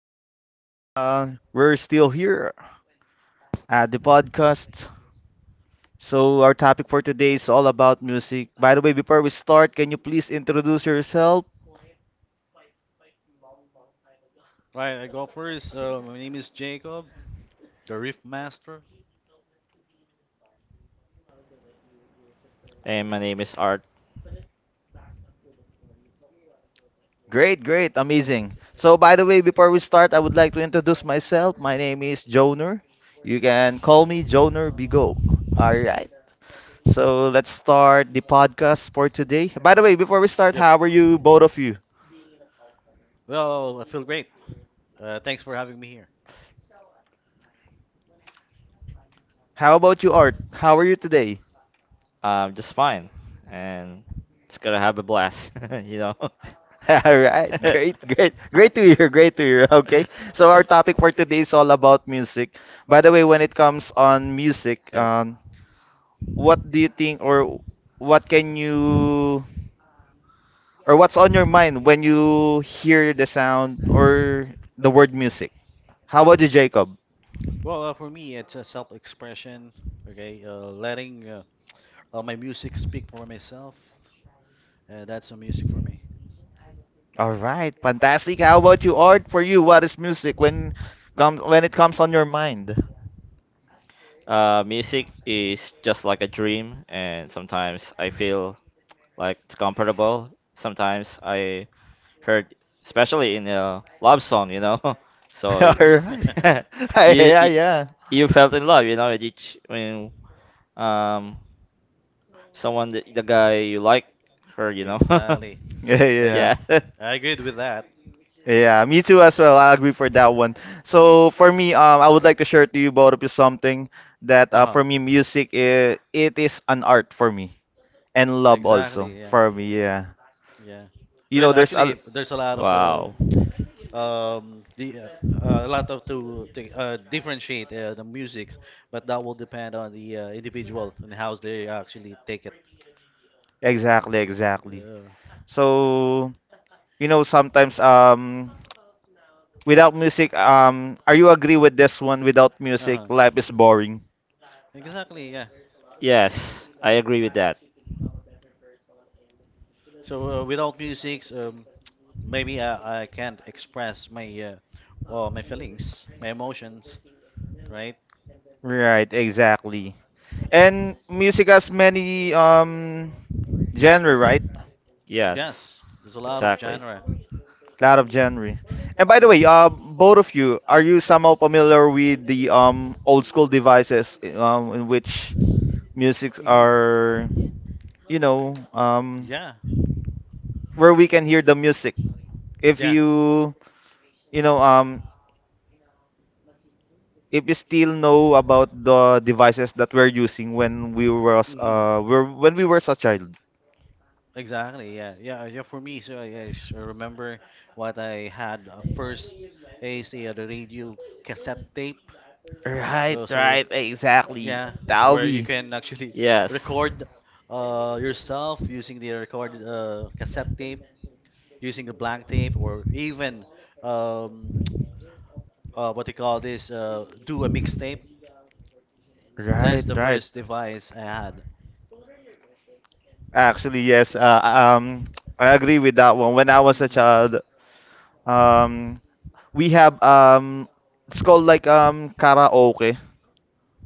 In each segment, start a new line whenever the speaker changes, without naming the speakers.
We're still here at the podcast. So, our topic for today is all about music. By the way, before we start, can you please introduce yourself?
Right, I go first. My name is Jacob, the Riff Master.
Hey, my name is Art.
Great, great, amazing. So, by the way, before we start, I would like to introduce myself. My name is Joner. You can call me Joner Bigo. All right. So, let's start the podcast for today. By the way, before we start,
Yep.
how are you, both of you?
Well, I feel great. Thanks for having me here.
How about you, Art? How are you today?
Just fine, and it's gonna have a blast, you know.
All right,
Uh,
great, great, great to hear, great to hear. Okay, so our topic for today is all about music. By the way, when it comes on music,
Yep.
what do you think, or what can you, or what's on your mind when you hear the sound or the word music? How about you, Jacob?
Well, for me, it's a self-expression. Okay, letting my music speak for myself. That's a music for me.
All right, fantastic. How about you, Art? For you, what is music when comes when it comes on your mind?
Music is just like a dream, and sometimes I feel like it's comfortable. Sometimes I heard, especially in a love song. So
All right.
you,
Yeah,
you
yeah,
you felt in love, you know. With each when um someone, the guy you like her, you know.
Exactly.
yeah,
Uh,
yeah,
Yeah.
I agreed with that.
Yeah, me too
Yeah.
as well. I agree for that one. So for me, I would like to share to you both of you something that
Uh
uh,
huh.
for me, music, it is an art for me and love also
Exactly. Yeah.
for me. Yeah,
Yeah.
you know,
Well,
there's a
actually, there's a lot of
Wow.
the a lot of to differentiate the music, but that will depend on the individual and how they actually take it.
exactly, exactly.
Yeah.
So you know, sometimes without music, are you agree with this one? Without
Uh-huh.
music, life is boring.
Exactly. Yeah.
Yes, I agree with that.
So without music, maybe I can't express my or my feelings, my emotions, right?
Right, exactly. And music has many genre, right?
Yes,
Yes. There's a lot of
exactly.
genre.
Cloud of January. And by
Mm.
the way, both of you, are you somehow familiar with the old school devices in which musics
Hmm.
are, you know, um
Yeah.
where we can hear the music? If
Yeah.
you, you know, um if you still know about the devices that we're using when we was
Hmm.
were when we were a child.
Exactly. Yeah. Yeah. Yeah. For me, so I remember what I had first is the radio cassette tape.
Right,
Uh, so
right, exactly.
yeah, where you
Tawi.
can actually
Yes.
record yourself using the record cassette tape, using a blank tape, or even um, what they call this, do a mixtape. That is
Right,
the
right.
first device I had.
Actually, yes. I agree with that one. When I was a
Hmm.
child, um, we have it's called like karaoke.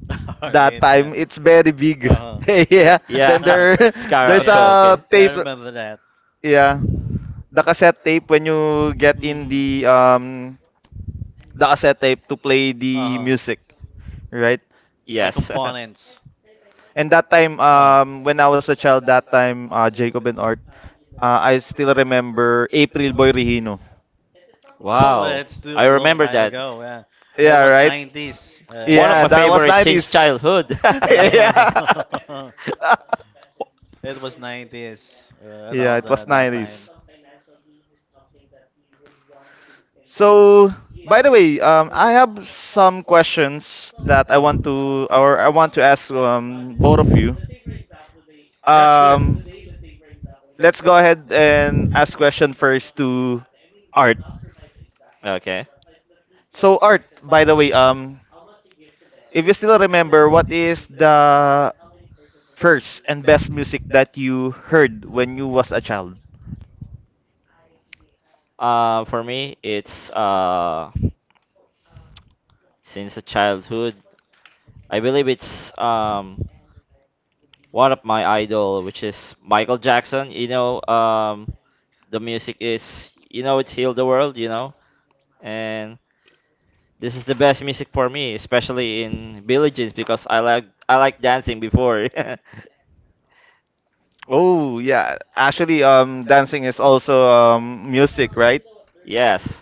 All
That
right, yeah.
time it's very big.
Uh
yeah.
Yeah.
Then
huh.
there
Scar.
there's
Okay.
yeah,
a
yeah,
Okay.
I
tape.
remember that.
Yeah, the cassette tape when you get in
Mm-hmm.
the cassette tape to play
Uh
the
huh.
music, right?
Like
Yes.
components.
And that time
Uh.
when I was a child, that time Jacob and Art, I still remember April Boy Regino.
Oh,
Wow.
that's too
I
a long
remember
time
that.
ago. Yeah, it
Yeah,
was
right?
90's, I
One of
Yeah,
my
think.
that was
Yeah.
favorites since
90s.
childhood.
yeah.
It was 90's uh,
yeah,
around
it
uh,
was
that time.
90s. So, by the way, I have some questions that I
Uh huh.
want to ask both of you.
Yeah, shoot it.
Um, let's go ahead and ask question first to Art.
Okay.
So, Art, by the way, if you still remember, what is the first and best music that you heard when you was a child?
For me, it's since a childhood. I believe it's one of my idol, which is Michael Jackson. You know, the music is, you know, it's healed the world. You know, and this is the best music for me, especially in Billie Jeans because I like dancing before.
Oh yeah, actually, dancing is also music, right?
Yes,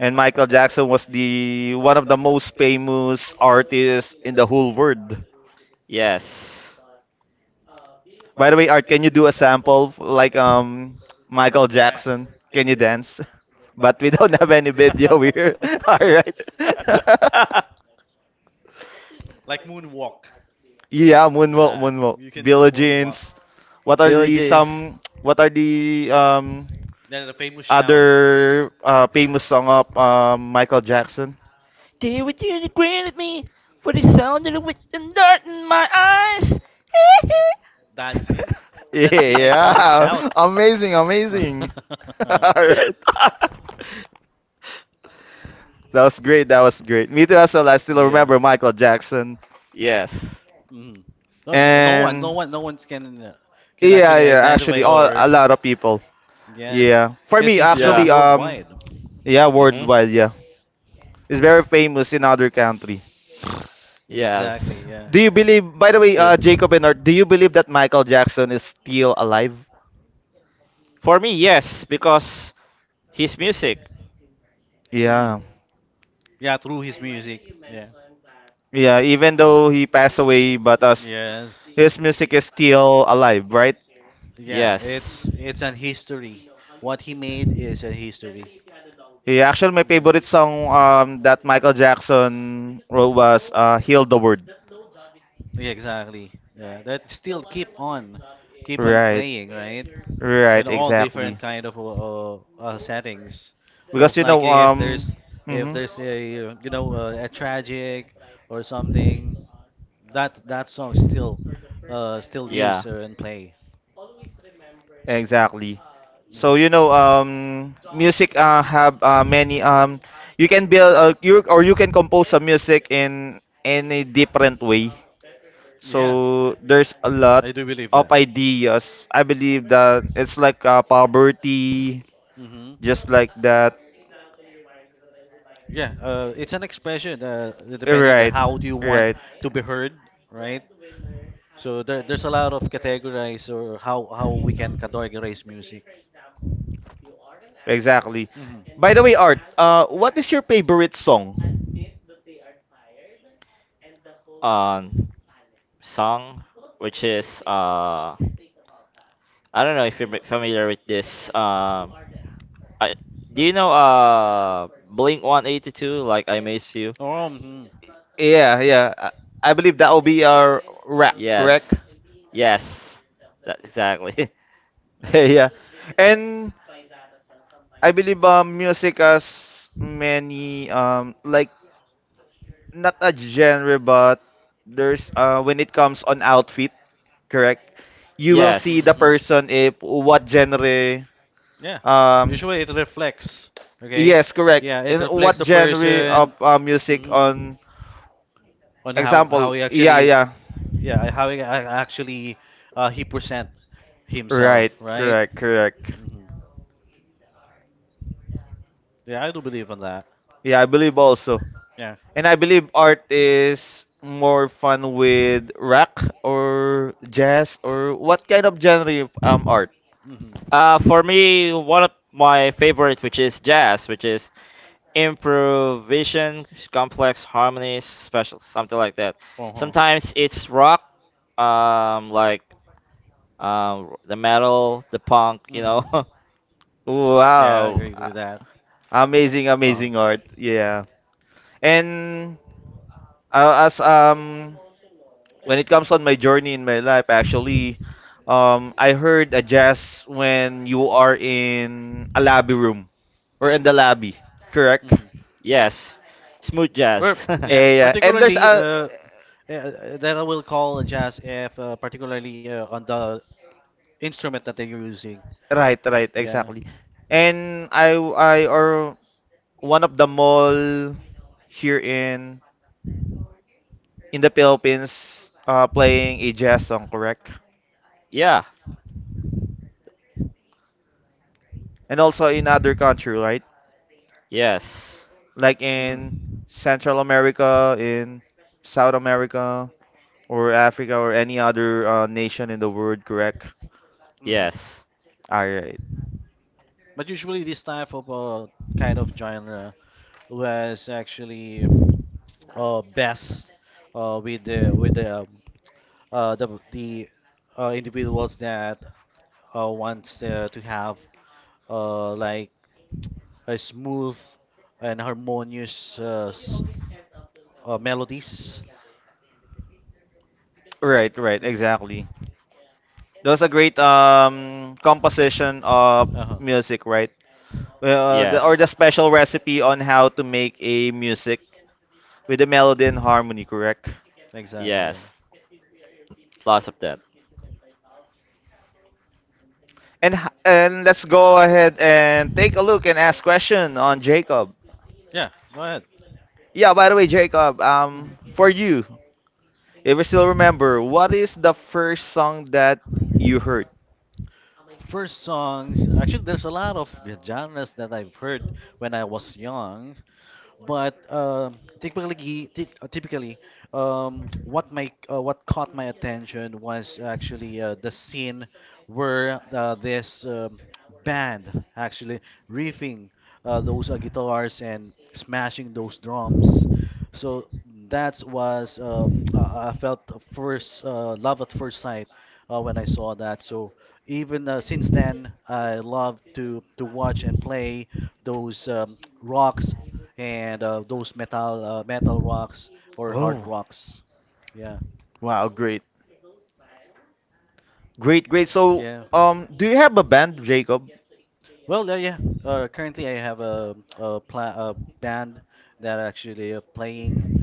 And Michael Jackson was the one of the most famous artists in the whole world.
yes.
By the way, Art, can you do a sample like Michael
Yeah.
Jackson? Can you dance? But we don't have any video here. All right.
Like moonwalk.
Yeah, moonwalk,
Yeah,
moonwalk.
you can do
Billie
moonwalk.
Jeans. What are
Billy
the
Jean. Some
some? What are the
Then the famous shout.
other famous song of Michael Jackson?
day with you to grin at me for the sound of the wind and dirt in my eyes.
Mhm. That's it. That's the iconic
Yeah,
shout.
amazing, amazing. All right,
Alright.
that was great. That was great. Me too as well. I still
Yeah.
remember Michael Jackson
Yes.
Hmm. No one,
and
no one can
yeah,
actually
yeah. Actually,
identify
all
or
a lot of people.
yes,
Yeah, for
because
me
um,
he's
yeah,
known
actually
worldwide.
yeah
words. Mhm.
worldwide yeah. It's very famous in other country.
Exactly,
Yes.
yeah.
Do you believe, by the way,
Sure.
Jacob and Art, do you believe that Michael Jackson is still alive?
For me, yes, because his music.
Mhm.
Yeah.
Yeah, through his music. Yeah.
Yeah, even though he passed away, but us,
Yes.
his music is still alive, right?
Yeah,
Yes.
it's an history. What he made is a history.
Yeah, actually, my
Yeah.
favorite song that Michael Jackson wrote was Heal the World.
Yeah, exactly. Yeah, that still keep on
Right,
playing, right?
right,
In all
exactly.
different kind of settings.
Because,
Most
you know,
likely if
mhm.
there's a a tragic or something, that that song still still used
Yeah.
and play.
Exactly. So
Hmm.
you know, music have many. You can build you or you can compose a music in any different way.
Yeah,
So there's a lot
I do believe
of
that.
ideas. I believe that it's like poverty,
Hmm.
just like that.
Yeah, it's an expression depending on
Right,
how do you want
right.
to be heard, right? So there's a lot of categorize or how we can categorize music.
Exactly.
Hmm.
By the way, Art, what is your favorite song?
Um, Song, which is I don't know if you're familiar with this. I Do you know Blink 182 like I Miss You?
Oh, hmm.
Yeah, yeah. I believe that will be our wrap, correct?
Yes. Yes. That exactly.
Yeah. And I believe music has many like not a genre but there's when it comes on outfit, correct? You will see
Yes.
the
Hmm.
person if what genre
Yeah.
um
Usually it reflects, okay?
yes, correct.
Yeah, it
And
reflects
what
the
genre of
person,
music
mhm,
on
on how
example.
he
Yeah,
actually,
yeah.
yeah, how he actually he present himself,
Right,
right?
correct, correct.
Hmm. Yeah, I do believe on that.
Yeah, I believe also.
Yeah.
And I believe art is more fun with rock or jazz or what kind of genre of art?
Hmm.
For me, one of my favorite, which is jazz, which is improvisation, complex harmonies, special something like that.
Uh huh.
Sometimes it's rock, like the metal, the punk, you
Hmm.
know.
Yeah, I
Wow.
agree with
A-
that.
Amazing,
Uh huh.
amazing art. Yeah. And as when it comes on my journey in my life actually I heard a jazz when you are in a lobby room or in the lobby, correct?
Hmm.
Yes, smooth
Well,
jazz.
yeah,
Eh, yeah. And there's
particularly
a
that I will call jazz if particularly on the instrument that they're using.
right, right,
Yeah.
exactly. And I or one of the mall here in the Philippines playing a jazz song, correct?
Yeah.
And also in other country, right?
Yes.
Like in
Hmm.
Central America, in South America, or Africa, or any other nation in the world, correct?
Hmm.
Yes.
All right,
But usually this type of kind of genre was actually best with the uh, the the individuals that wants to have like a smooth and harmonious melodies.
right, right,
Hmm.
exactly. That was a great composition of
Uh-huh.
music, right? Well, uh, the, or
Yes.
the special recipe on how to make a music with the melody and
Hmm.
harmony, correct?
Exactly. Yeah.
Yes. Lots of that.
And let's go ahead and take a look and ask question on Jacob.
Yeah. Go ahead.
Yeah, by the way, Jacob,
Hmm.
for you, if you still remember, what is the first song that you heard?
First songs. Actually, there's a lot of genres that I've heard when I was young. But typically, typically, what my what caught my attention was actually the scene where this band actually riffing those guitars and smashing those drums. So that was I felt a first love at first sight when I saw that. So even since then, I love to watch and play those rocks and those metal metal rocks or hard
Oh,
rocks. Yeah,
wow, great, great, great. So,
yeah.
do you have a band, Jacob?
Well, yeah. Currently, I have a band that actually playing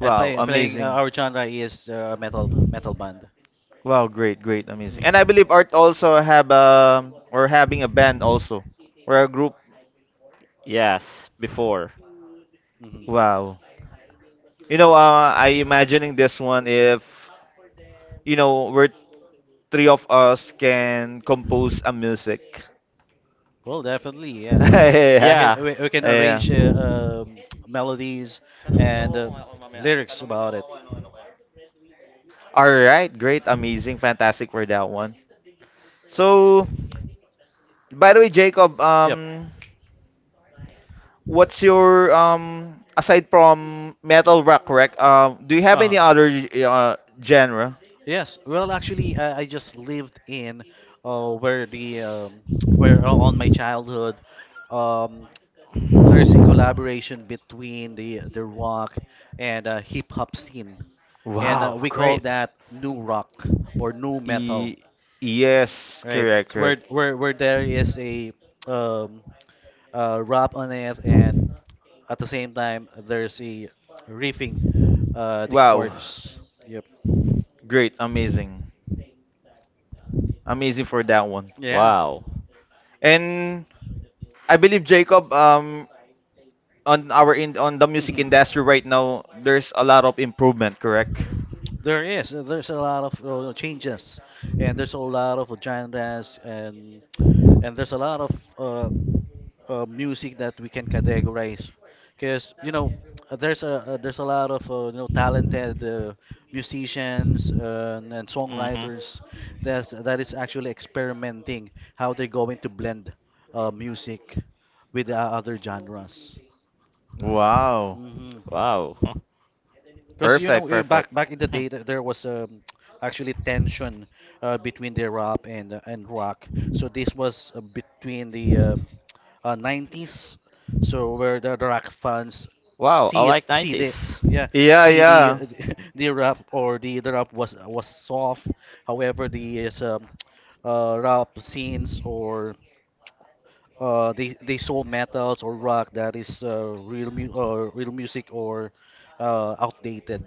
and playing playing.
amazing.
Our genre is metal band.
Wow, great, great, amazing. And I
Hmm.
believe Art also have or having a band also or a group.
Yes. Before.
Hmm.
Wow. You know, I imagining this one if you know we're three of us can compose a music.
Well, definitely, yeah.
yeah.
Yeah.
We can
Yeah.
arrange melodies and lyrics about it.
All right. Great. Amazing. Fantastic for that one. So, by the way, Jacob,
Yep.
what's your aside from metal rock, correct? Do you have
Uh huh.
any other uh, genre?
Yes, well, actually, I just lived in where the where on my childhood, um, there's a collaboration between the rock and hip hop scene, and
Wow.
we call
Great.
that new rock or new metal,
E- yes.
right?
Correct.
So
Correct.
where there is a um, rap on it, and at the same time there's a riffing, the
Wow.
chords. Yep.
Great. Amazing. Amazing for that one.
Yeah.
Wow.
And I believe Jacob, on our in on the music
Hmm.
industry right now, there's a lot of improvement, correct?
There is. There's a lot of, you know, changes, and there's a lot of genres, and there's a lot of uh, music that we can categorize, because you know there's a lot of you know talented musicians and
Hmm.
songwriters that is actually experimenting how they're going to blend music with other genres.
Wow.
Hmm.
Wow.
Because you
Perfect,
know eh,
perfect.
back in the day there was actually tension between the rap and rock. So this was between the 90's, so where the rock fans
Wow, I like
see the,
90s.
yeah,
Yeah,
see the
yeah.
the rap or the rap was soft. However, rap scenes or they saw metals or rock that is real music or outdated.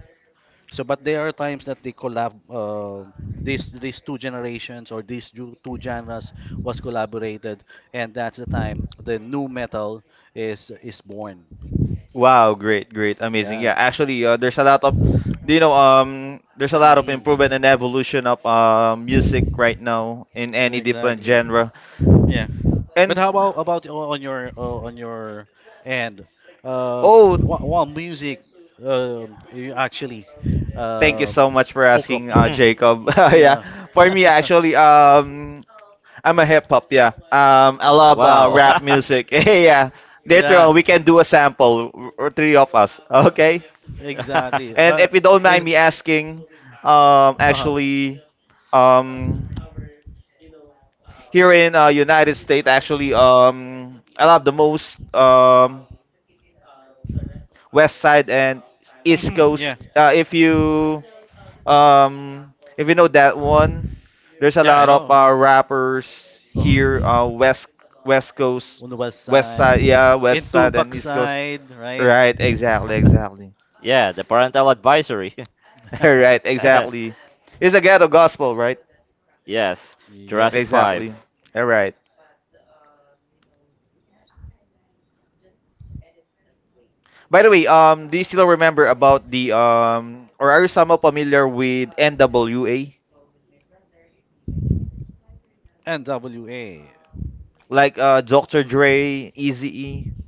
So, but there are times that they collab. These two generations or two genres was collaborated, and that's the time the new metal is born.
Wow, great, great, amazing.
Yeah.
Yeah, actually, there's a lot of, you know, there's a lot of
Hmm.
improvement and evolution of music right now in any different
Exactly.
genre.
Yeah. But
And
how about on your end? Uh,
oh,
what music you actually
thank you so
um
much for
hook up?
asking, Jacob. yeah,
Yeah.
for me actually, I'm a hip hop, yeah. I love
Wow.
Yeah.
rap music. yeah. Later
Yeah.
on, we can do a sample, w- or three of us, okay?
Exactly.
And if you don't mind
Is
me asking,
uh huh.
actually, um, here in United States, actually, I love the most West Side and East
Mm-hmm,
Coast.
yeah.
Uh, if you if you know that one, there's a
Yeah, I
lot of
know.
rappers
Uh, uh-huh.
here, uh, West Coast,
On the west
West Side,
side,
yeah,
in
West Side and
Tupac
East Coast.
side, right?
Right, exactly, exactly.
Yeah, the parental advisory.
right, exactly. It's a ghetto gospel, right?
Yes, Jurassic
Yes.
5.
Exactly. All right. By the way, do you still remember about the or are you somehow familiar with N.W.A.
NWA.
like Dr.
Mm.
Dre, Eazy-E?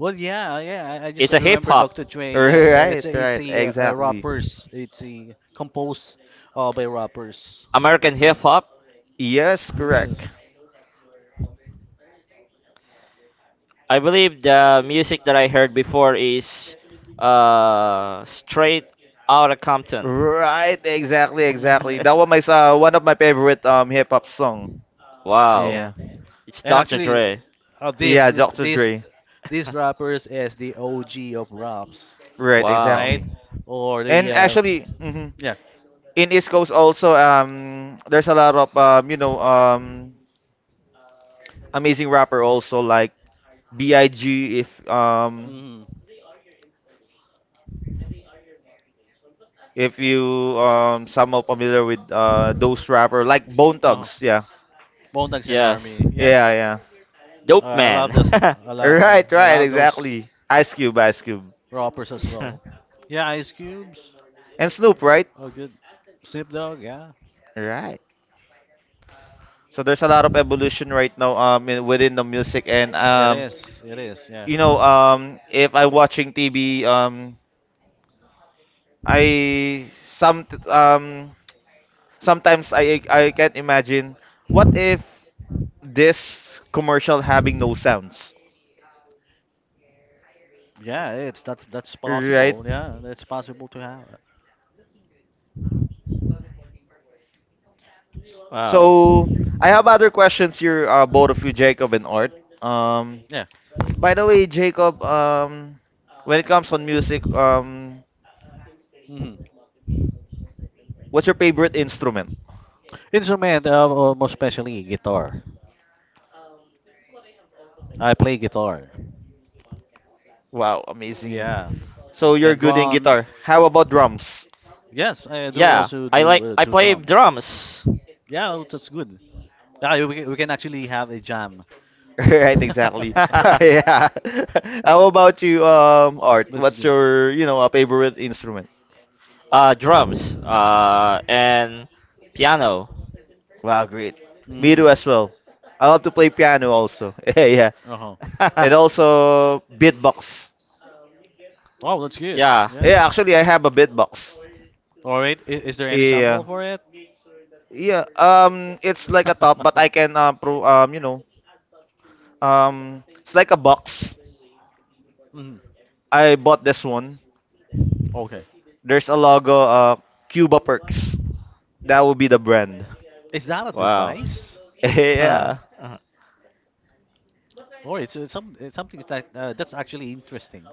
Well, yeah, yeah. I just
It's a hip
remember
hop,
Dr. Dre. Yeah,
Right,
it's
right,
a
exactly.
rappers. It's a composed by rappers.
American hip
Yeah.
hop.
Yes, correct.
Yes.
I believe the music that I heard before is straight out of Compton.
Right, exactly, exactly.
Hmm.
That was my one of my favorite hip hop song.
Wow.
Yeah,
Yeah,
It's
and
Dr.
actually,
Dre.
this
yeah,
is
Dr.
this
Dre.
these rappers as the OG of raps,
Right,
Wow.
right?
exactly.
Or the
And actually,
yeah,
in East Coast also there's a lot of you know amazing rapper also like B.I.G. If um
mm,
if you um somehow familiar with those rapper like Bone
oh,
Thugs. Yeah,
Bone Thugs and
Yes.
Harmony, yeah.
yeah, yeah.
Dope
I
man.
love this. I love, yeah,
Right,
I
right,
love those
exactly. Ice Cube,
rappers as well. Yeah, Ice Cubes,
and Snoop, right?
oh good. Snoop Dogg, yeah.
Right. So there's a lot of evolution right now within the music and
It is, yeah.
you know if I'm watching TV I some sometimes I can't imagine what if this commercial having no sounds
Yeah, it's that's
right
possible. Yeah, it's possible to have.
Wow.
so I have
Hmm.
other questions here both of you Jacob and Art um
Yeah.
by the way Jacob when it comes on music
Hmm.
what's your favorite instrument
Instrument, most especially guitar. I play guitar.
wow amazing.
Yeah.
So you're
Then
good in guitar.
drums.
How about drums?
Yes, I do
Yeah,
also
I
do
like I
do
play
drums.
drums.
Yeah, oh, that's good. We can actually have a jam.
Right, exactly. Yeah. How about you, Art?
Let's
What's
do.
your, you know, a favorite instrument?
Drums. And piano.
Wow, great. Me
Hmm.
too as well. I love to play piano also. Yeah, yeah.
Uh-huh.
And also beatbox.
Oh, that's good.
Yeah.
Yeah.
Yeah, actually I have a beatbox.
All right. Is there any
Yeah.
sample for it?
Yeah. It's like a top, but I can pro you know, it's like a box.
Mm,
I bought this one.
okay.
There's a logo, Cuba Perks. That would be the brand.
Is that a
Wow.
device?
Huh.
Yeah,
Uh-huh.
It's some it's something that that's actually interesting.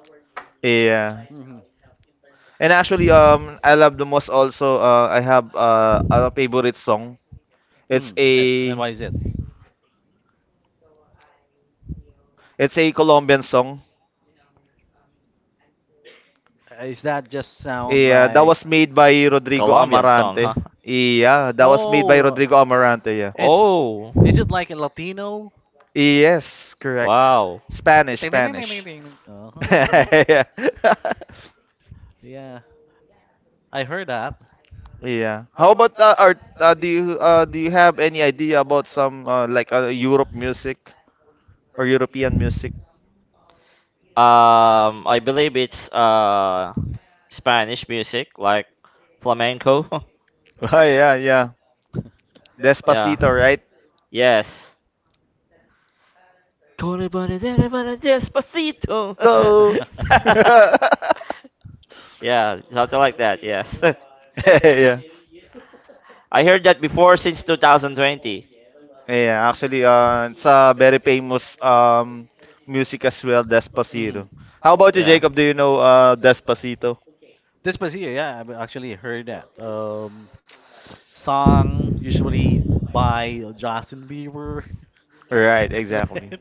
yeah.
Hmm.
And actually, I love the most also. I have a favorite song. It's
Mm. And
a
why is it?
it's a Colombian song.
Is that just sound
Yeah, that
like,
was made by Rodrigo
Colombian song,
Amarante.
huh?
Yeah, that was made by
oh,
Rodrigo Amarante. Yeah.
it's,
Oh,
is it like a Latino?
Yes, correct.
wow.
Spanish,
Ding, ding, ding, ding, ding,
Spanish.
ding, ding. Uh-huh.
Yeah.
Yeah, I heard that.
Yeah. How about Art? Do you have any idea about some like European music?
I believe it's Spanish music like flamenco.
Oh, yeah, yeah.
Yeah.
Despacito, right?
Yes. Con el banadera bana despacito.
So,
Yeah, something like that. Yes.
yeah.
I heard that before since 2020.
Yeah, actually, it's a very famous music as well, Despacito.
Hmm.
How about you,
Yeah.
Jacob? Do you know Despacito?
Despacito, yeah, I've actually heard that. Song, usually by Justin Bieber,
Right, exactly.
right?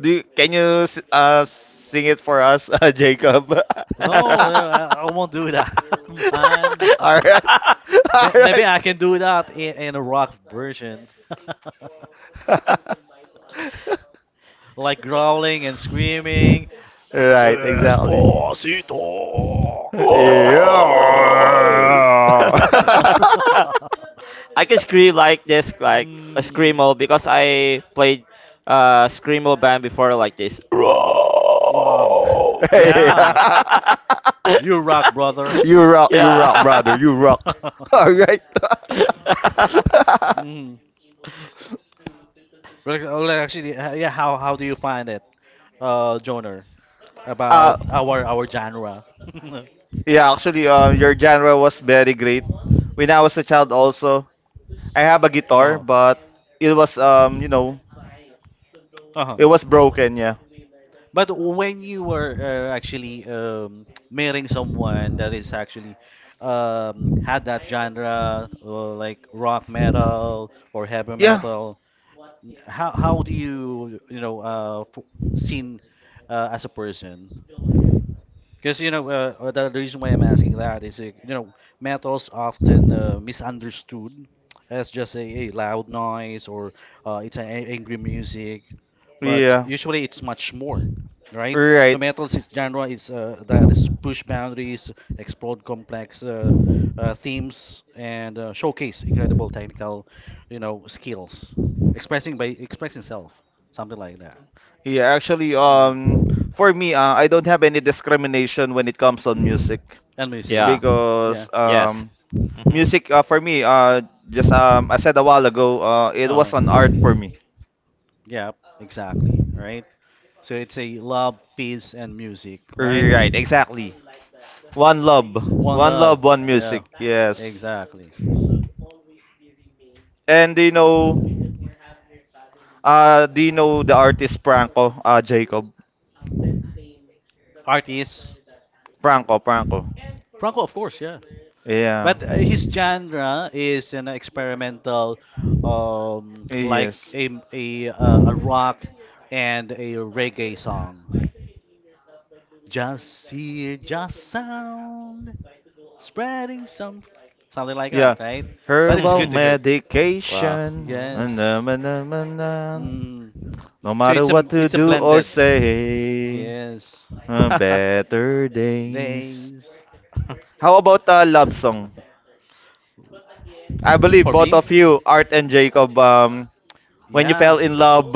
Can you sing it for us, Jacob?
No, I won't do that, man.
All right, all
May- Maybe
right.
I can do that in a rock version, like growling and screaming,
Right, exactly.
Despacito.
Whoa!
Yeah.
I can scream like this, like a
Mm,
screamo, because I played screamo band before like this.
wow.
Roar!
Yeah,
yeah.
you rock, brother.
You rock, brother.
Yeah.
You rock. All right.
Mm. Well, actually, yeah. How do you find it? Genre
uh,
About our genre.
yeah, actually, your genre was very great. When I was a child, also, I have a guitar,
Uh-huh.
but it was,
Uh-huh.
it was broken. Yeah.
But when you were actually marrying someone that is actually had that genre like rock metal or heavy
Yeah.
metal, how do you you know seen as a person? Because you know, the reason why I'm asking that is, you know, metal's often misunderstood as just a loud noise or it's an angry music, but
Yeah.
usually it's much more, right? So
Right.
metal's genre is that is push boundaries, explode complex themes, and showcase incredible technical, you know, skills, expressing self, something like that.
Yeah, actually,
Mhm.
for me, I don't have any discrimination when it comes on
Mm-hmm.
music
And music.
Yeah.
Yeah.
because
Yes. Mhm.
music for me, just I said a while ago, it
Uh-huh.
was an art for me.
Yeah. Exactly. Right. So it's a love, peace, and music. Right.
Right, exactly. One love,
One
one love,
love.
one
Yeah.
music. Yes.
Exactly.
And do you know the artist Franco, Jacob?
Artist
Franco, Franco.
Franco, of course. Yeah.
Yeah,
But his genre is an experimental, like
yes.
a rock and a reggae song. Just hear, just sound, spreading some, something like
Yeah.
that. Right. But it's
Herbal
good to hear.
Wow.
medication.
Hmm.
Na, na,
Yes.
na, na, na.
Mm.
No
So
matter
it's
what to
a
do or
blended.
say,
Yes.
better days.
Days.
How about a love song? I believe
For
both
me?
of you, Art and Jacob, when you
Yeah.
fell in love,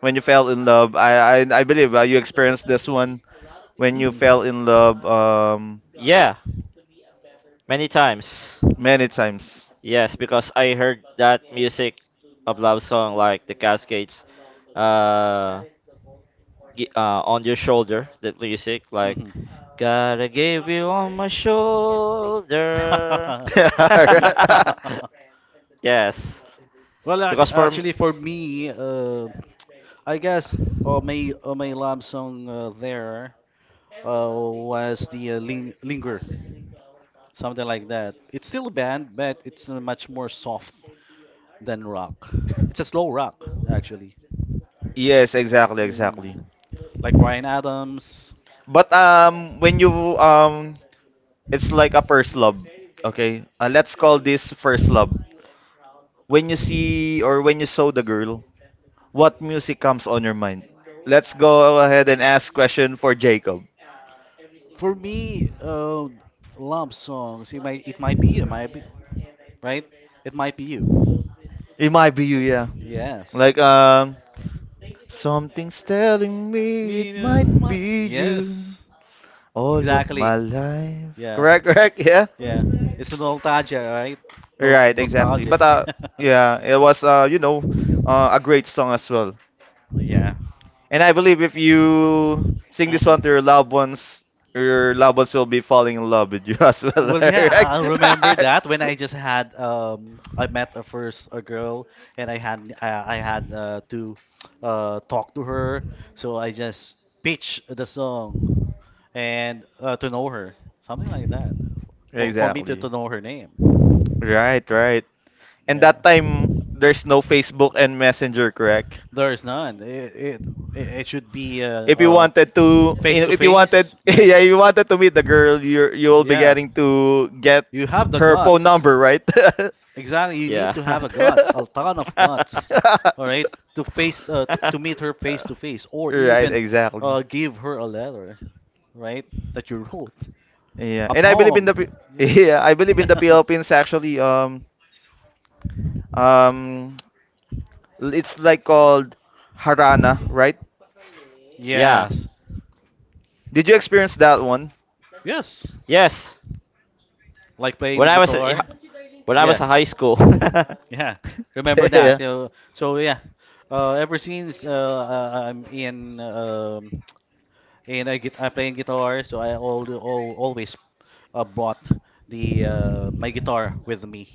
when you fell in love, I believe you experienced this one when you
Hmm.
fell in love
Yeah, many times.
many times.
Yes, because I heard that music of love song like the Cascades, uh, on your shoulder, that music like
Hmm.
gotta give you on my shoulder. Yes,
Well, ac-
because for
actually, for me, I guess my my love song there was the linger, something like that. It's still a band, but it's much more soft than rock. It's a slow rock, actually.
Yes, exactly, exactly.
Mm. Like Brian Adams.
But when you um, it's like a first love. Okay, let's call this first love. When you saw the girl, what music comes on your mind? Let's go ahead and ask question for Jacob.
For me, love songs. It might be you. It might be right. It might be you.
It might be you, yeah.
Yes.
Like something's telling me
Me
it
and
might
my.
be you
Yes.
all of
Exactly.
my life.
Yeah.
Correct, correct, yeah.
Yeah. It's nostalgia, right?
Right, exactly.
Nostalgic.
But uh yeah, it was a great song as well.
Yeah. Yeah.
And I believe if you sing this one
Mhm.
to your loved ones will be falling in love with you as well.
Well, yeah,
Correct.
remember that when I just had I met a first a girl, and I had to talk to her, so I just pitched the song and to know her, something like that. For me to,
Exactly.
to know her name.
Right, right. And
Yeah.
that time there's no Facebook and Messenger, correct?
There is none. It should be
If you wanted to you
face
know,
to
if you wanted
face. Yeah.
yeah, you wanted to meet the girl, you'll be
Yeah.
getting to get
You have the
her phone
guts.
number, right?
Exactly. You
Yeah.
need to have a guts, a ton of guts. All right, to meet her face to face, or
Right,
even
exactly.
give her a letter, right, that you wrote
Yeah.
a
And I believe in
poem,
the Pi- yeah, I believe in
yeah.
the Philippines actually um it's like called Harana, right?
Yeah.
Yes.
Did you experience that one?
Yes,
Yes.
like playing the
When I was in
guitar,
when I
yeah.
was in high school.
Yeah. Remember that, so yeah, ever since, I'm in, and I'm playing guitar, so I always brought the my guitar with me.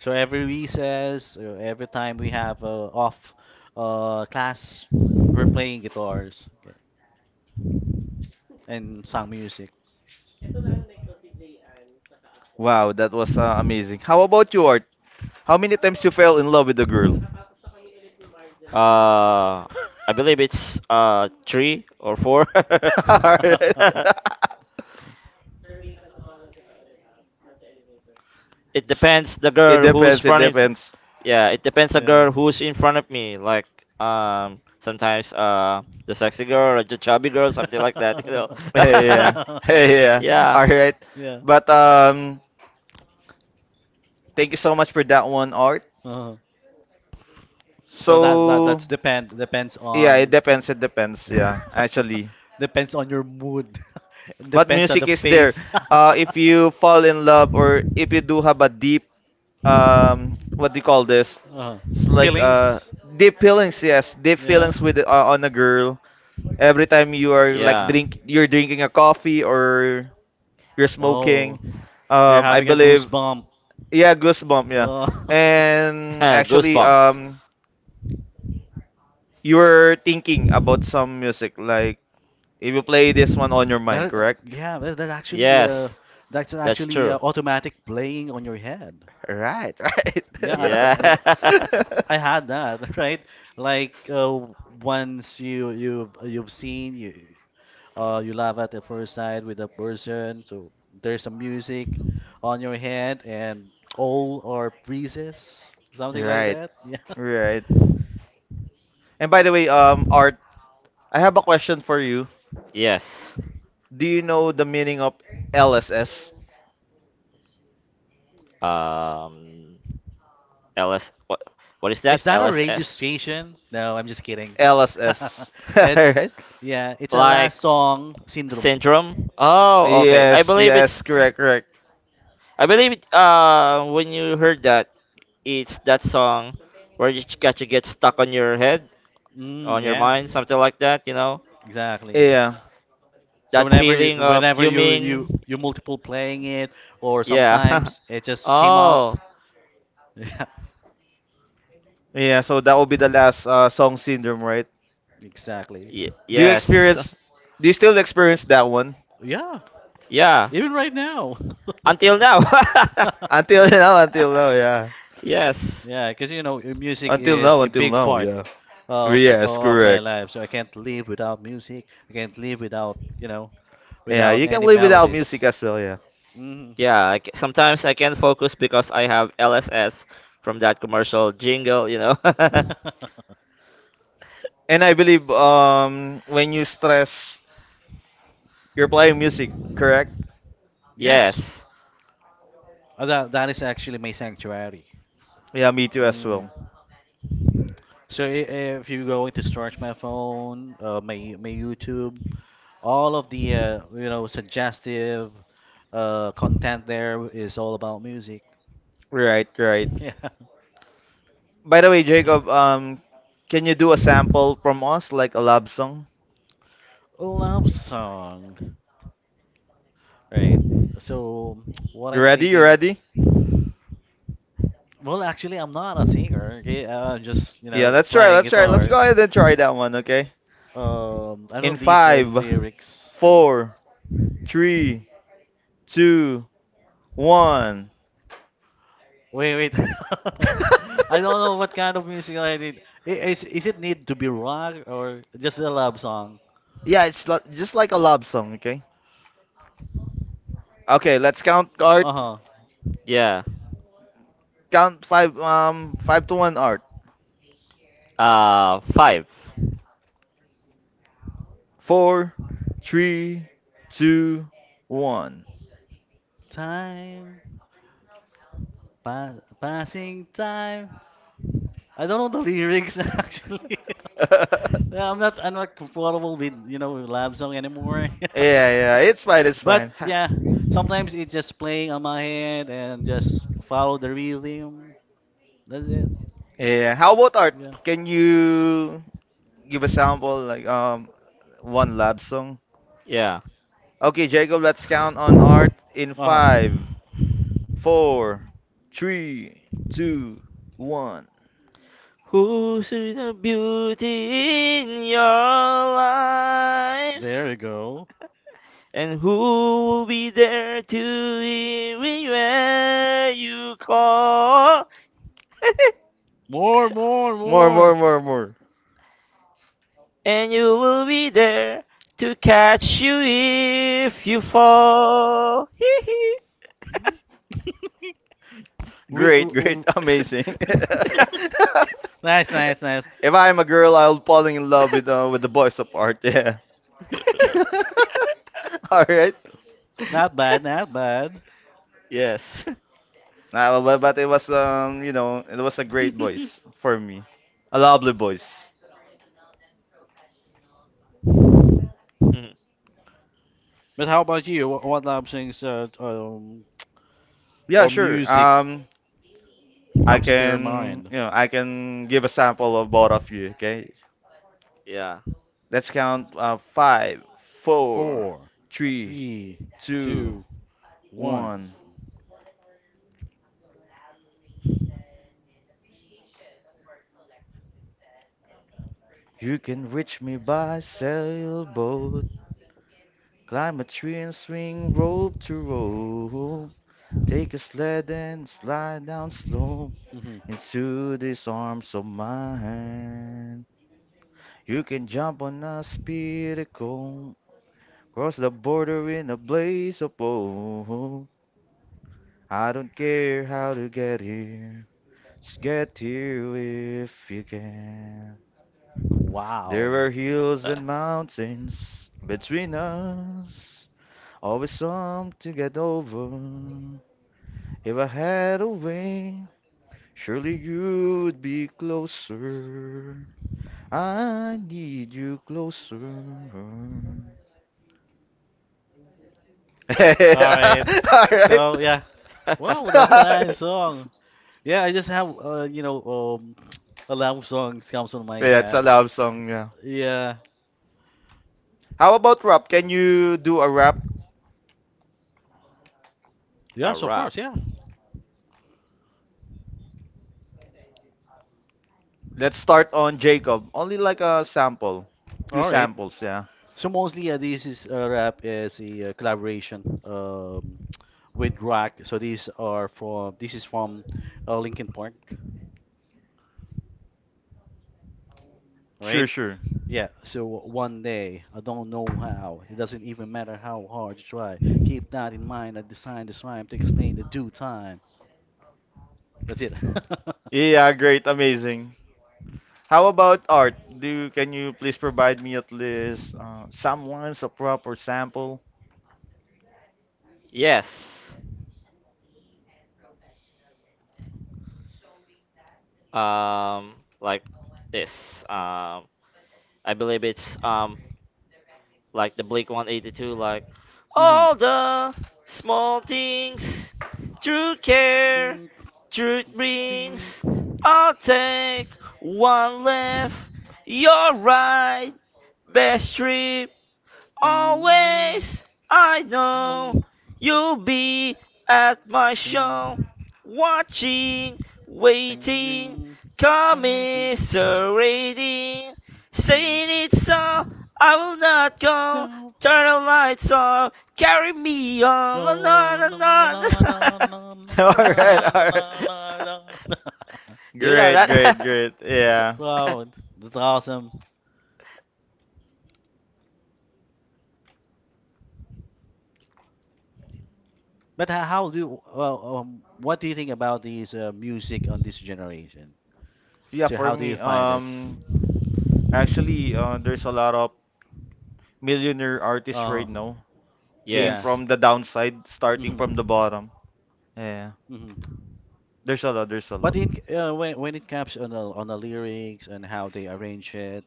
So every recess, every time we have off class, we're playing guitars, okay, and sung music.
Wow, that was amazing. How about you, Art? How many times you fell in love with a girl?
uh I believe it's 3 or 4.
Alright.
It
S-
depends the
It
girl who's
depends. It
front in.
depends.
Yeah, it depends the
Yeah.
girl who's in front of me like sometimes the sexy girl or the chubby girl, something like that, you know.
Hey, yeah. Hey, yeah.
Yeah.
All right.
Yeah.
But thank you so much for that one, Art.
Uh-huh. Well, that that
So
that's depends
yeah, it
on.
depends. It depends. Yeah, actually.
Depends on your mood. It
But
depends on
music
the
is there.
face.
If you fall in love or if you do have a deep what do you call this?
Uh,
It's like
Feelings.
deep feelings, yes, deep
Yeah.
feelings with on a girl. Every time you are like
Yeah.
you're drinking a coffee or you're
Oh,
smoking.
you're
I
having a
believe,
goosebump.
yeah, goosebump, yeah.
Oh.
And actually,
Goosebumps.
you were thinking about some music, like if you play this one on your
That
mind,
is,
correct?
yeah,
Yes.
that's
That's
actually
true.
automatic playing on your head.
Right, right.
Yeah,
Yeah.
I, I had that, right? Like, once you've seen, you love at the first sight with a person, so there's some music on your head and all or freezes, something like
Right.
that. Yeah.
Right. And by the way, Art, I have a question for you.
Yes.
Do you know the meaning of LSS?
Um, LS. What? What is that?
Is that a radio
LSS?
station? No, I'm just kidding.
LSS.
It's,
Right?
yeah, it's a
Like
last song syndrome.
syndrome? Oh, okay.
Yeah,
I
Yes,
believe it's.
yes, correct, correct.
I believe it, when you heard that, it's that song where you got to get stuck on your head,
mm,
on your
yeah,
mind, something like that. You know
exactly.
Yeah.
So
that
whenever you
feeling of
whenever you
fuming.
you you multiple playing it, or
Yeah.
sometimes it just came out.
Oh,
Yeah,
Yeah, so that will be the last song syndrome, right?
exactly.
y
Do you
yes.
experience do you still experience that one?
Yeah,
Yeah.
even right now.
Until now.
Until now, until now, yeah.
Yes.
Yeah, because, music is a
Until
big
now,
part
yeah.
of
Yes,
of my
correct.
life. So I can't live without music. I can't live without,
Yeah,
without
you can
any
live without music
melodies.
as well, yeah.
Mhm.
Yeah, I sometimes I can't focus because I have LSS from that commercial jingle, you know.
And I believe when you stress, you're playing music, correct?
Yes.
Yes.
That is actually my sanctuary.
Yeah, me too as well.
Mhm. So if you're going to search my phone, my YouTube, all of the, suggestive content there is all about music.
Right, right.
Yeah,
By the way, Jacob, can you do a sample from us, like a love song?
love song. Right. So what
You
I'm
ready? You
thinking,
ready?
well, actually, I'm not a singer. Okay, I'm just
Yeah, let's try.
playing
Let's try. Let's
guitar.
go ahead and try that one, okay?
I know
In
these
five,
lyrics.
four, three, two, one.
Wait, wait. I don't know what kind of music I need. Is it need to be rock or just a love song?
Yeah, just like a love song, okay? Okay, let's count Art.
Uh-huh.
Yeah.
Count five, five to one Art.
Five.
Four, three, two, one.
Time, pa passing time. I don't know the lyrics actually. Yeah, I'm not comfortable with, with love song anymore.
Yeah, yeah, it's fine, it's
But
fine.
yeah, sometimes it's just playing on my head and just follow the rhythm. That's it.
Yeah, how about Art?
Yeah.
Can you give a sample, like one lab song?
Yeah.
Okay, Jacob, let's count on Art in
Uh-huh.
five, four, three, two, one.
Who's the beauty in your
There
life?
you go.
And who will be there to hear when you call?
More, more,
More,
more.
more, more, more.
And you will be there to catch you if you fall.
we,
Great,
w-
great,
w-
amazing.
nice, nice,
Nice.
nice.
If I'm a girl, I'll fall in love with
Fall.
with the voice of Art. Yeah. All right.
Not bad, not bad.
Yeah. Yes.
But it was it was a great voice for me, a lovely voice.
But how about you? What love songs,
Yeah,
or
sure.
music
I
comes into your
can
mind?
you know I can give a sample of both of you. Okay,
Yeah.
let's count five, four,
Four,
three,
three,
two,
two, one.
one. You can reach me by sailboat, climb a tree and swing rope to rope. Take a sled and slide down slope
Mhm.
into these arms of mine. You can jump on a speedy cone, cross the border in a blaze of gold. I don't care how to get here, just get here if you can. There
Wow.
are hills
All
and mountains between us, always some to get over. If I had a wing, surely you would be closer. I need you closer.
right.
All right.
So yeah. Wow, that's a nice song. Yeah, I just have a lot of songs comes on my
Yeah, it's a
head.
love song. Yeah.
Yeah.
How about rap? Can you do a rap?
A
Yes, of
wrap.
course. Yeah.
Let's start on Jacob. Only like a sample, few
All right.
samples. Yeah.
So mostly, this is rap is a collaboration, with rock. So these are from this is from Linkin Park,
Sure,
right?
sure.
Yeah. So one day I don't know how. It doesn't even matter how hard you try. Keep that in mind. I designed this rhyme to explain the due time. That's it.
Yeah, great, amazing. How about Art? Can you please provide me at least some lines of rap or sample?
Yes. Um, like this. I believe it's like the Blink 182, like
Mhm.
all the small things, true care,
Ding,
truth
ding.
brings. I'll take one left, your right, best trip.
Ding, ding,
Always, I know
ding,
you'll be at my show, watching,
ding,
waiting,
ding, ding, ding,
commiserating,
ding,
saying it's so.
ding.
I will not go.
No.
Turn the lights off. Carry me on.
No,
La, la,
no,
la,
no, no,
la,
no, no,
la.
no,
All
no, no,
right, all
no, no,
right.
no, no.
Do you know
Great, great,
that?
great. Yeah.
Wow, that's awesome. But ho- how do well, what do you think about these music on this generation?
Yeah,
So
for
how do you
me,
find it?
actually, there's a lot of millionaire artists
Uh,
right now came
yeah.
Yes.
from the downside, starting from
Mm-hmm.
the bottom. Yeah,
Mm-hmm.
there's a lot. There's a
But
lot.
in when it comes on the lyrics and how they arrange it,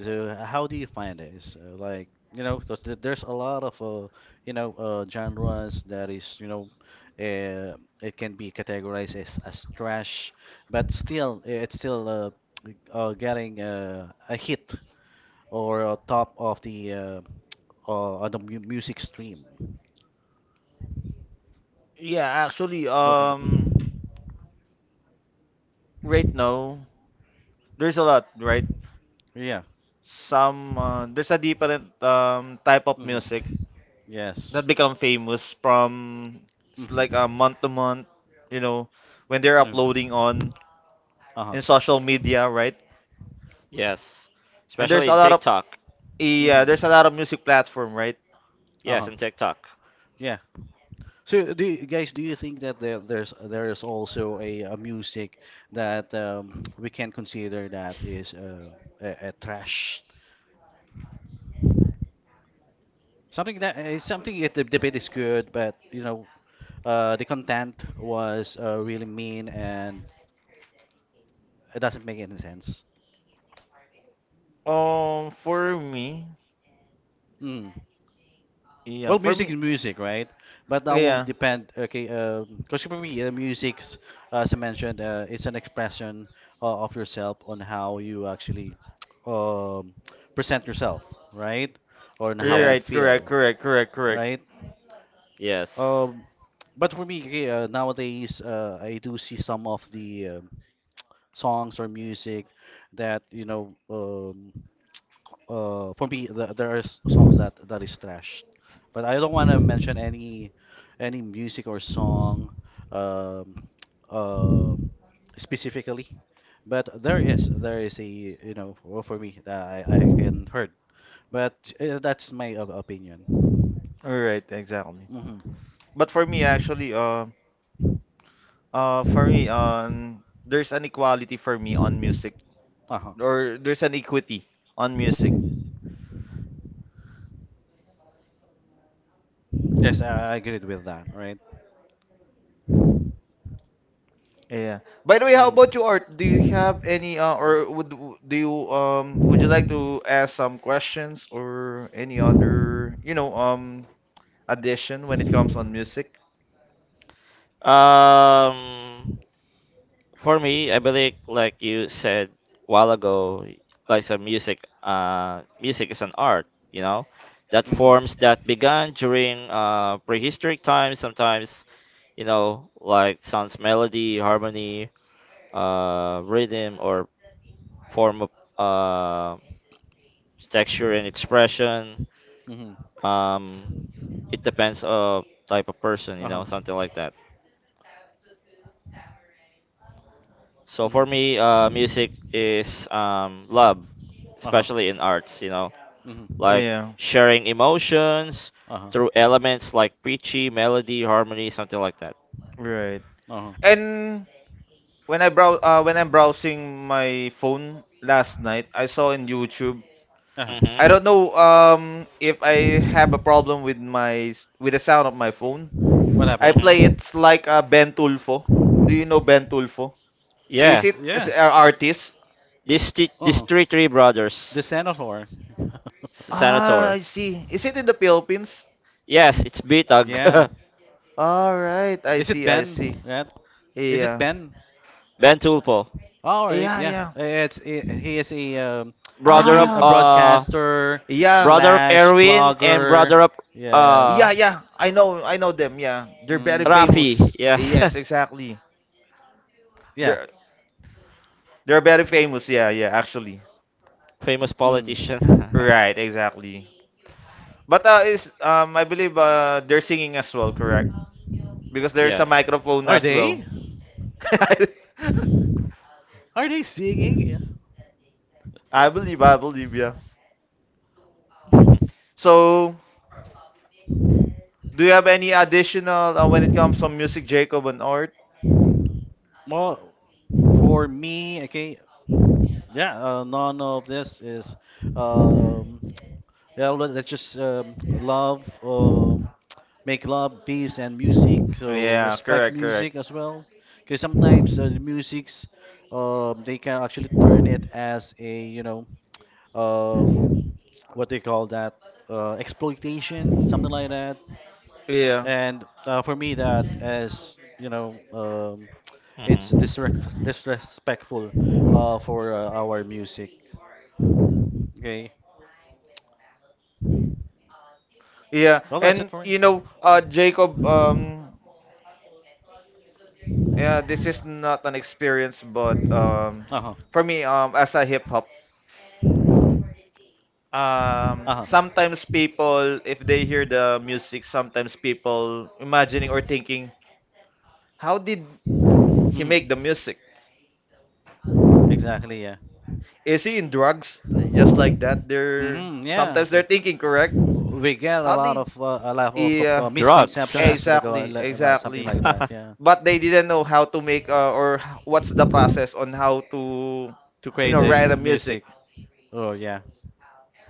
so how do you find this? Like, because th there's a lot of, genres that is, uh, it can be categorized as trash, but still it's still getting a hit, or a top of the, on the mu music stream.
Yeah, actually,
Mhm.
right now there's a lot, right?
Yeah.
Some there's a different type of
Hmm.
music
Yes.
that become famous from it's like a
Hmm.
month to month, you know, when they're
Mm.
uploading on
Uh-huh.
in social media, right?
Yes.
And there's
Especially
a
in
lot of
TikTok.
yeah,
Hmm.
there's a lot of music platform, right?
Yes,
Uh-huh.
in TikTok.
Yeah. So do you think that there is also a music that we can consider that is a trash? Something that is something it, the debate is good, but, the content was really mean, and it doesn't make any sense.
For me, yeah,
Well,
for
music
me,
is music, right? But that will
yeah,
depend. Okay, because for me, music, as I mentioned, it's an expression of yourself on how you actually um, present yourself, right? Or on how you
right,
Yes.
correct,
feel,
correct, correct, correct.
right?
Yes.
Um, but for me, okay, nowadays, I do see some of the songs or music that, for me, there are songs that is trash, but I don't want to mention any music or song, um um specifically. But there is a, well, for me that I can heard, but that's my opinion.
All right, exactly.
Hmm.
But for me, actually, for me, there's an equality for me on music,
Uh-huh.
or there's an equity on music.
Yes, I agreed with that, right.
Yeah. By the way, how
Mhm.
about you, Art? Do you have any, or would w- Would you like to ask some questions or any other, addition when it comes on music?
Um, for me, I believe, like you said while ago, like some music, music is an art, you know, that
Mhm.
forms that began during prehistoric times, sometimes you know, like sounds melody, harmony, rhythm, or form of uh, texture and expression.
Mm-hmm.
Um, it depends of type of person, you
Uh-huh.
know, something like that. So for
Mm-hmm.
me, music is love,
Uh-huh.
especially in arts, you know,
Mm-hmm.
like
Yeah,
sharing emotions
Uh-huh.
through elements like pitchy, melody, harmony, something like that.
right.
Uh-huh.
And when I brow When I'm browsing my phone last night, I saw in YouTube.
Uh-huh.
Hmm
I don't know if I have a problem with with the sound of my phone.
What
I
happened?
play
hmm
it like Ben Tulfo. Do you know Ben Tulfo?
Yeah.
Is it is an
Yes.
artist?
This
Uh-huh.
three
The
brothers.
senator.
S-
Ah, I see. Is it in the Philippines?
Yes, it's Bitag.
Yeah.
All right, I
Is it
see, I see.
Ben? That is it
Yeah.
Ben?
Ben Tulpo.
All right.
Yeah,
Yeah.
yeah.
It's I he is a, a
Brother
news,
of.
a
Ah,
broadcaster
yeah.
slash blogger.
Brother of uh
Yeah,
Yes.
yeah. I know them. Yeah, they're very
Mm.
Rafi.
famous.
Yes. Yes.
Yes, exactly.
Yeah.
They're they're very famous. Yeah, yeah. Actually,
Famous
Mm.
politician.
right. Exactly. But is I believe they're singing as well, correct? Because there's a microphone
Are
as well.
they? Are they singing? Yeah.
I believe, yeah. So, do you have any additional when it comes to music, Jacob and Art?
Well, for me, okay. Yeah. None of this is, um yeah, all right, let's just love, make love, peace, and music. So
Yeah,
respect
correct, correct.
music as well, because sometimes, the music's, they can actually turn it as a, um, what they call that, exploitation, something like that.
Yeah,
And, for me, that is, it's
hmm
disrespectful for our music. Okay,
yeah.
well, that's it
And
for me.
Jacob, yeah, this is not an experience, but
Uh huh.
for me, as a hip hop,
Uh huh.
sometimes people if they hear the music, sometimes people imagining or thinking, how did he
Hmm.
make the music?
Exactly, yeah.
Is he in drugs? Just like that, they're
Hmm. Yeah.
sometimes they're thinking, correct?
W- We get a
how
lot
did
of,
yeah
Drugs.
misconceptions to the,
exactly,
like something
exactly,
like that, yeah.
but they didn't know how to make, what's the process on how to
To create
write
a
a music,
music, oh yeah,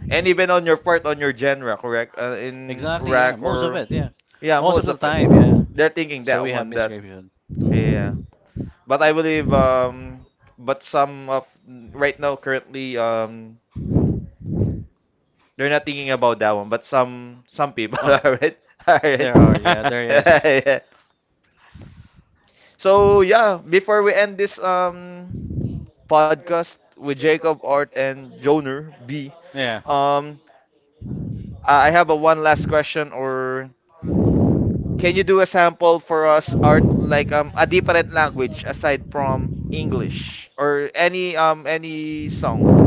and even on your part on your genre, correct? In
exactly, yeah.
rock,
Most of
or
it, yeah.
yeah,
Most of
most
the
of it,
time, yeah.
they're thinking
So
that
we have
one, that,
misconception. Hmm.
yeah. But I believe but some of right now currently they're not thinking about that one, but some people
Oh,
are right. All right.
there are, yeah, there is,
Yeah. So yeah, before we end this podcast with Jacob, Art, and Joner B,
yeah.
um I have a one last question, or can you do a sample for us, Art, like a different language aside from English, or any any song?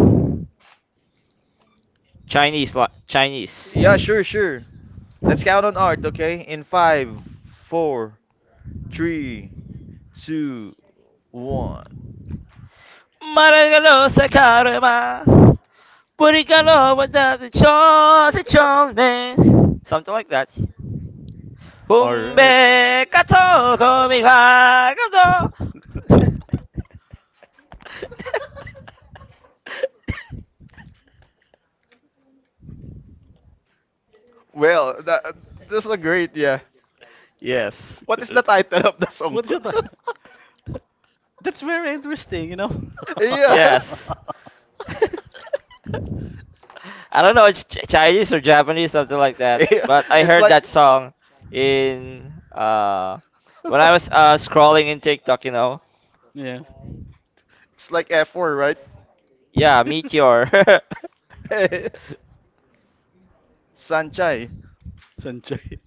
Chinese, Chinese.
Yeah, sure, sure. Let's count on Art, okay? In five, four, three, two, one.
Maragalo sa karma. Burikalo wadati cho sa chonme. Something like that.
All right.
Humbe kato komi wa kato.
Well, that's is a great, yeah.
Yes.
What is the title of the song?
What is it? That's very interesting, you know?
yeah.
Yes. I don't know, it's Chinese or Japanese, something like that.
Yeah.
But I
It's
heard
like
that song in when I was scrolling in TikTok, you know.
yeah.
it's like F4, right?
Yeah, Meteor.
Sanchai.
Sanjay.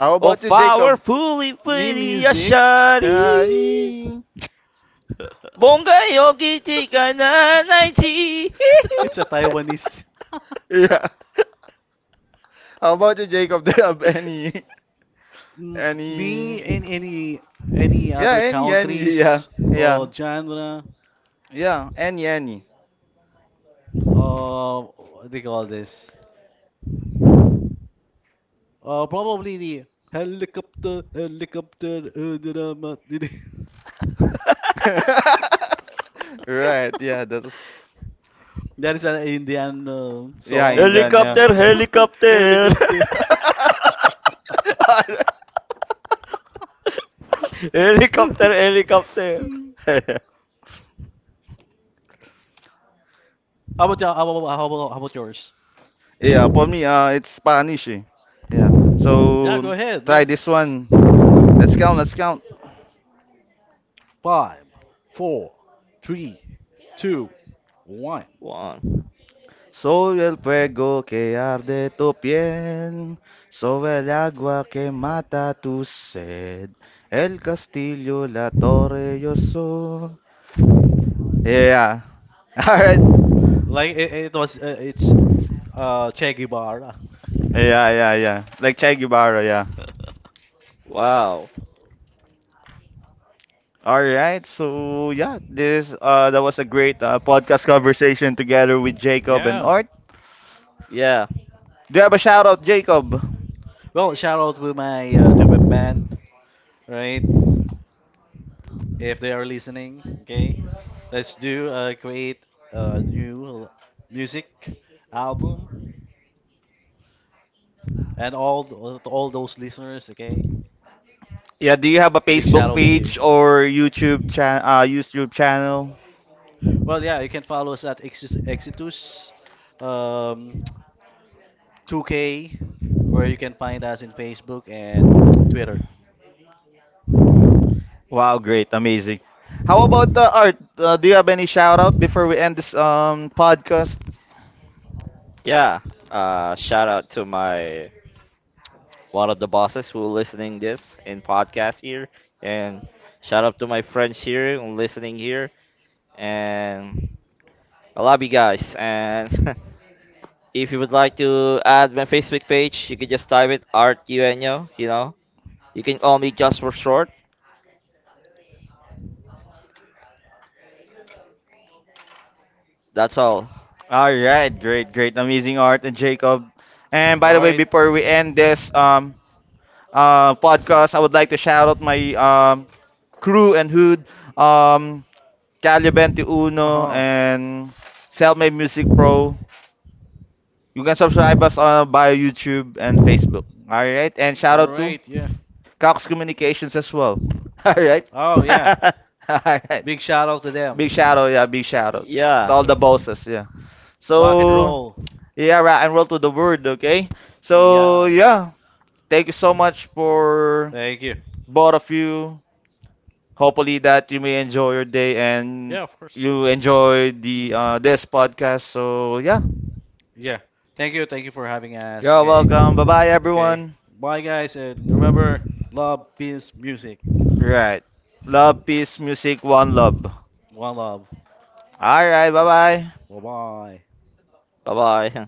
How
Oh,
about you, Jacob?
powerfully
Me
pretty
music.
Ashari.
Yeah.
Bonga yogi tika na naiti.
It's a Taiwanese.
Yeah. How about you, Jacob? Do you have any,
Mm, Me
any?
and any
Yeah,
other
any, any. Yeah,
countries or
yeah,
genre,
yeah. Any, any.
what do you call this? Probably the helicopter, helicopter,
Right. Yeah. That's.
that is an Indian
Yeah,
song,
Indian. Yeah.
Helicopter, helicopter.
helicopter.
Helicopter, helicopter.
Hmm. How about yours?
Yeah. For me, it's Spanish. Eh. Yeah.
Yeah, go
So
ahead.
try
Yeah.
this one. Let's count. Let's count.
Five, four, three, two, one.
One.
Soy el fuego que arde tu piel, soy el agua que mata tu sed, el castillo, la torre, yo soy. Yeah. All right.
Like it was, it's, Che Guevara.
Yeah, yeah, yeah. Like Che Guevara, yeah.
Wow.
All right. So yeah, this that was a great podcast conversation together with Jacob and
Yeah.
Art.
Yeah.
Do you have a shout out, Jacob?
Well, shout out to my band, right? If they are listening, okay. Let's do create a new music album, and all all those listeners, okay.
Yeah. Do you have a
Big shout
Facebook
out with you.
page or YouTube channel?
Well, yeah, you can follow us at Exitus, um, 2K, where you can find us in Facebook and Twitter.
Wow, great, amazing. How about Art? Do you have any shout out before we end this podcast?
Yeah. Shout out to my one of the bosses who listening this in podcast here, and shout out to my friends here who listening here, and I love you guys. And if you would like to add my Facebook page, you can just type it Art Ueno. You know, you can call me just for short. That's all.
All right, great, great, amazing, Art and Jacob. And
All
by the way,
right.
before we end this podcast, I would like to shout out my crew and hood, um Calibenti
Uh
Uno
huh.
and Selmade Music Pro. You can subscribe us on by YouTube and Facebook. All right, and
All
shout out to
right. Yeah.
Cox Communications as well. All right.
Oh, yeah.
All right.
Big shout out to
Big shout
them.
out, yeah, big shout out to
Yeah.
all the
Well,
bosses, yeah.
rock and
So,
roll.
yeah, right, and roll to the word, okay? So,
Yeah.
yeah, thank you so much for
Thank you.
both of you. Hopefully that you may enjoy your day, and
Yeah, of course.
you enjoy the
Mhm.
this podcast. So, yeah,
Yeah. Thank you. Thank you for having us.
you're
Okay.
welcome. Bye bye,
Okay.
everyone.
Bye, guys. And remember, love, peace, music.
Right. Love, peace, music, one love.
One love.
All right, bye bye.
Bye bye.
Bye bye.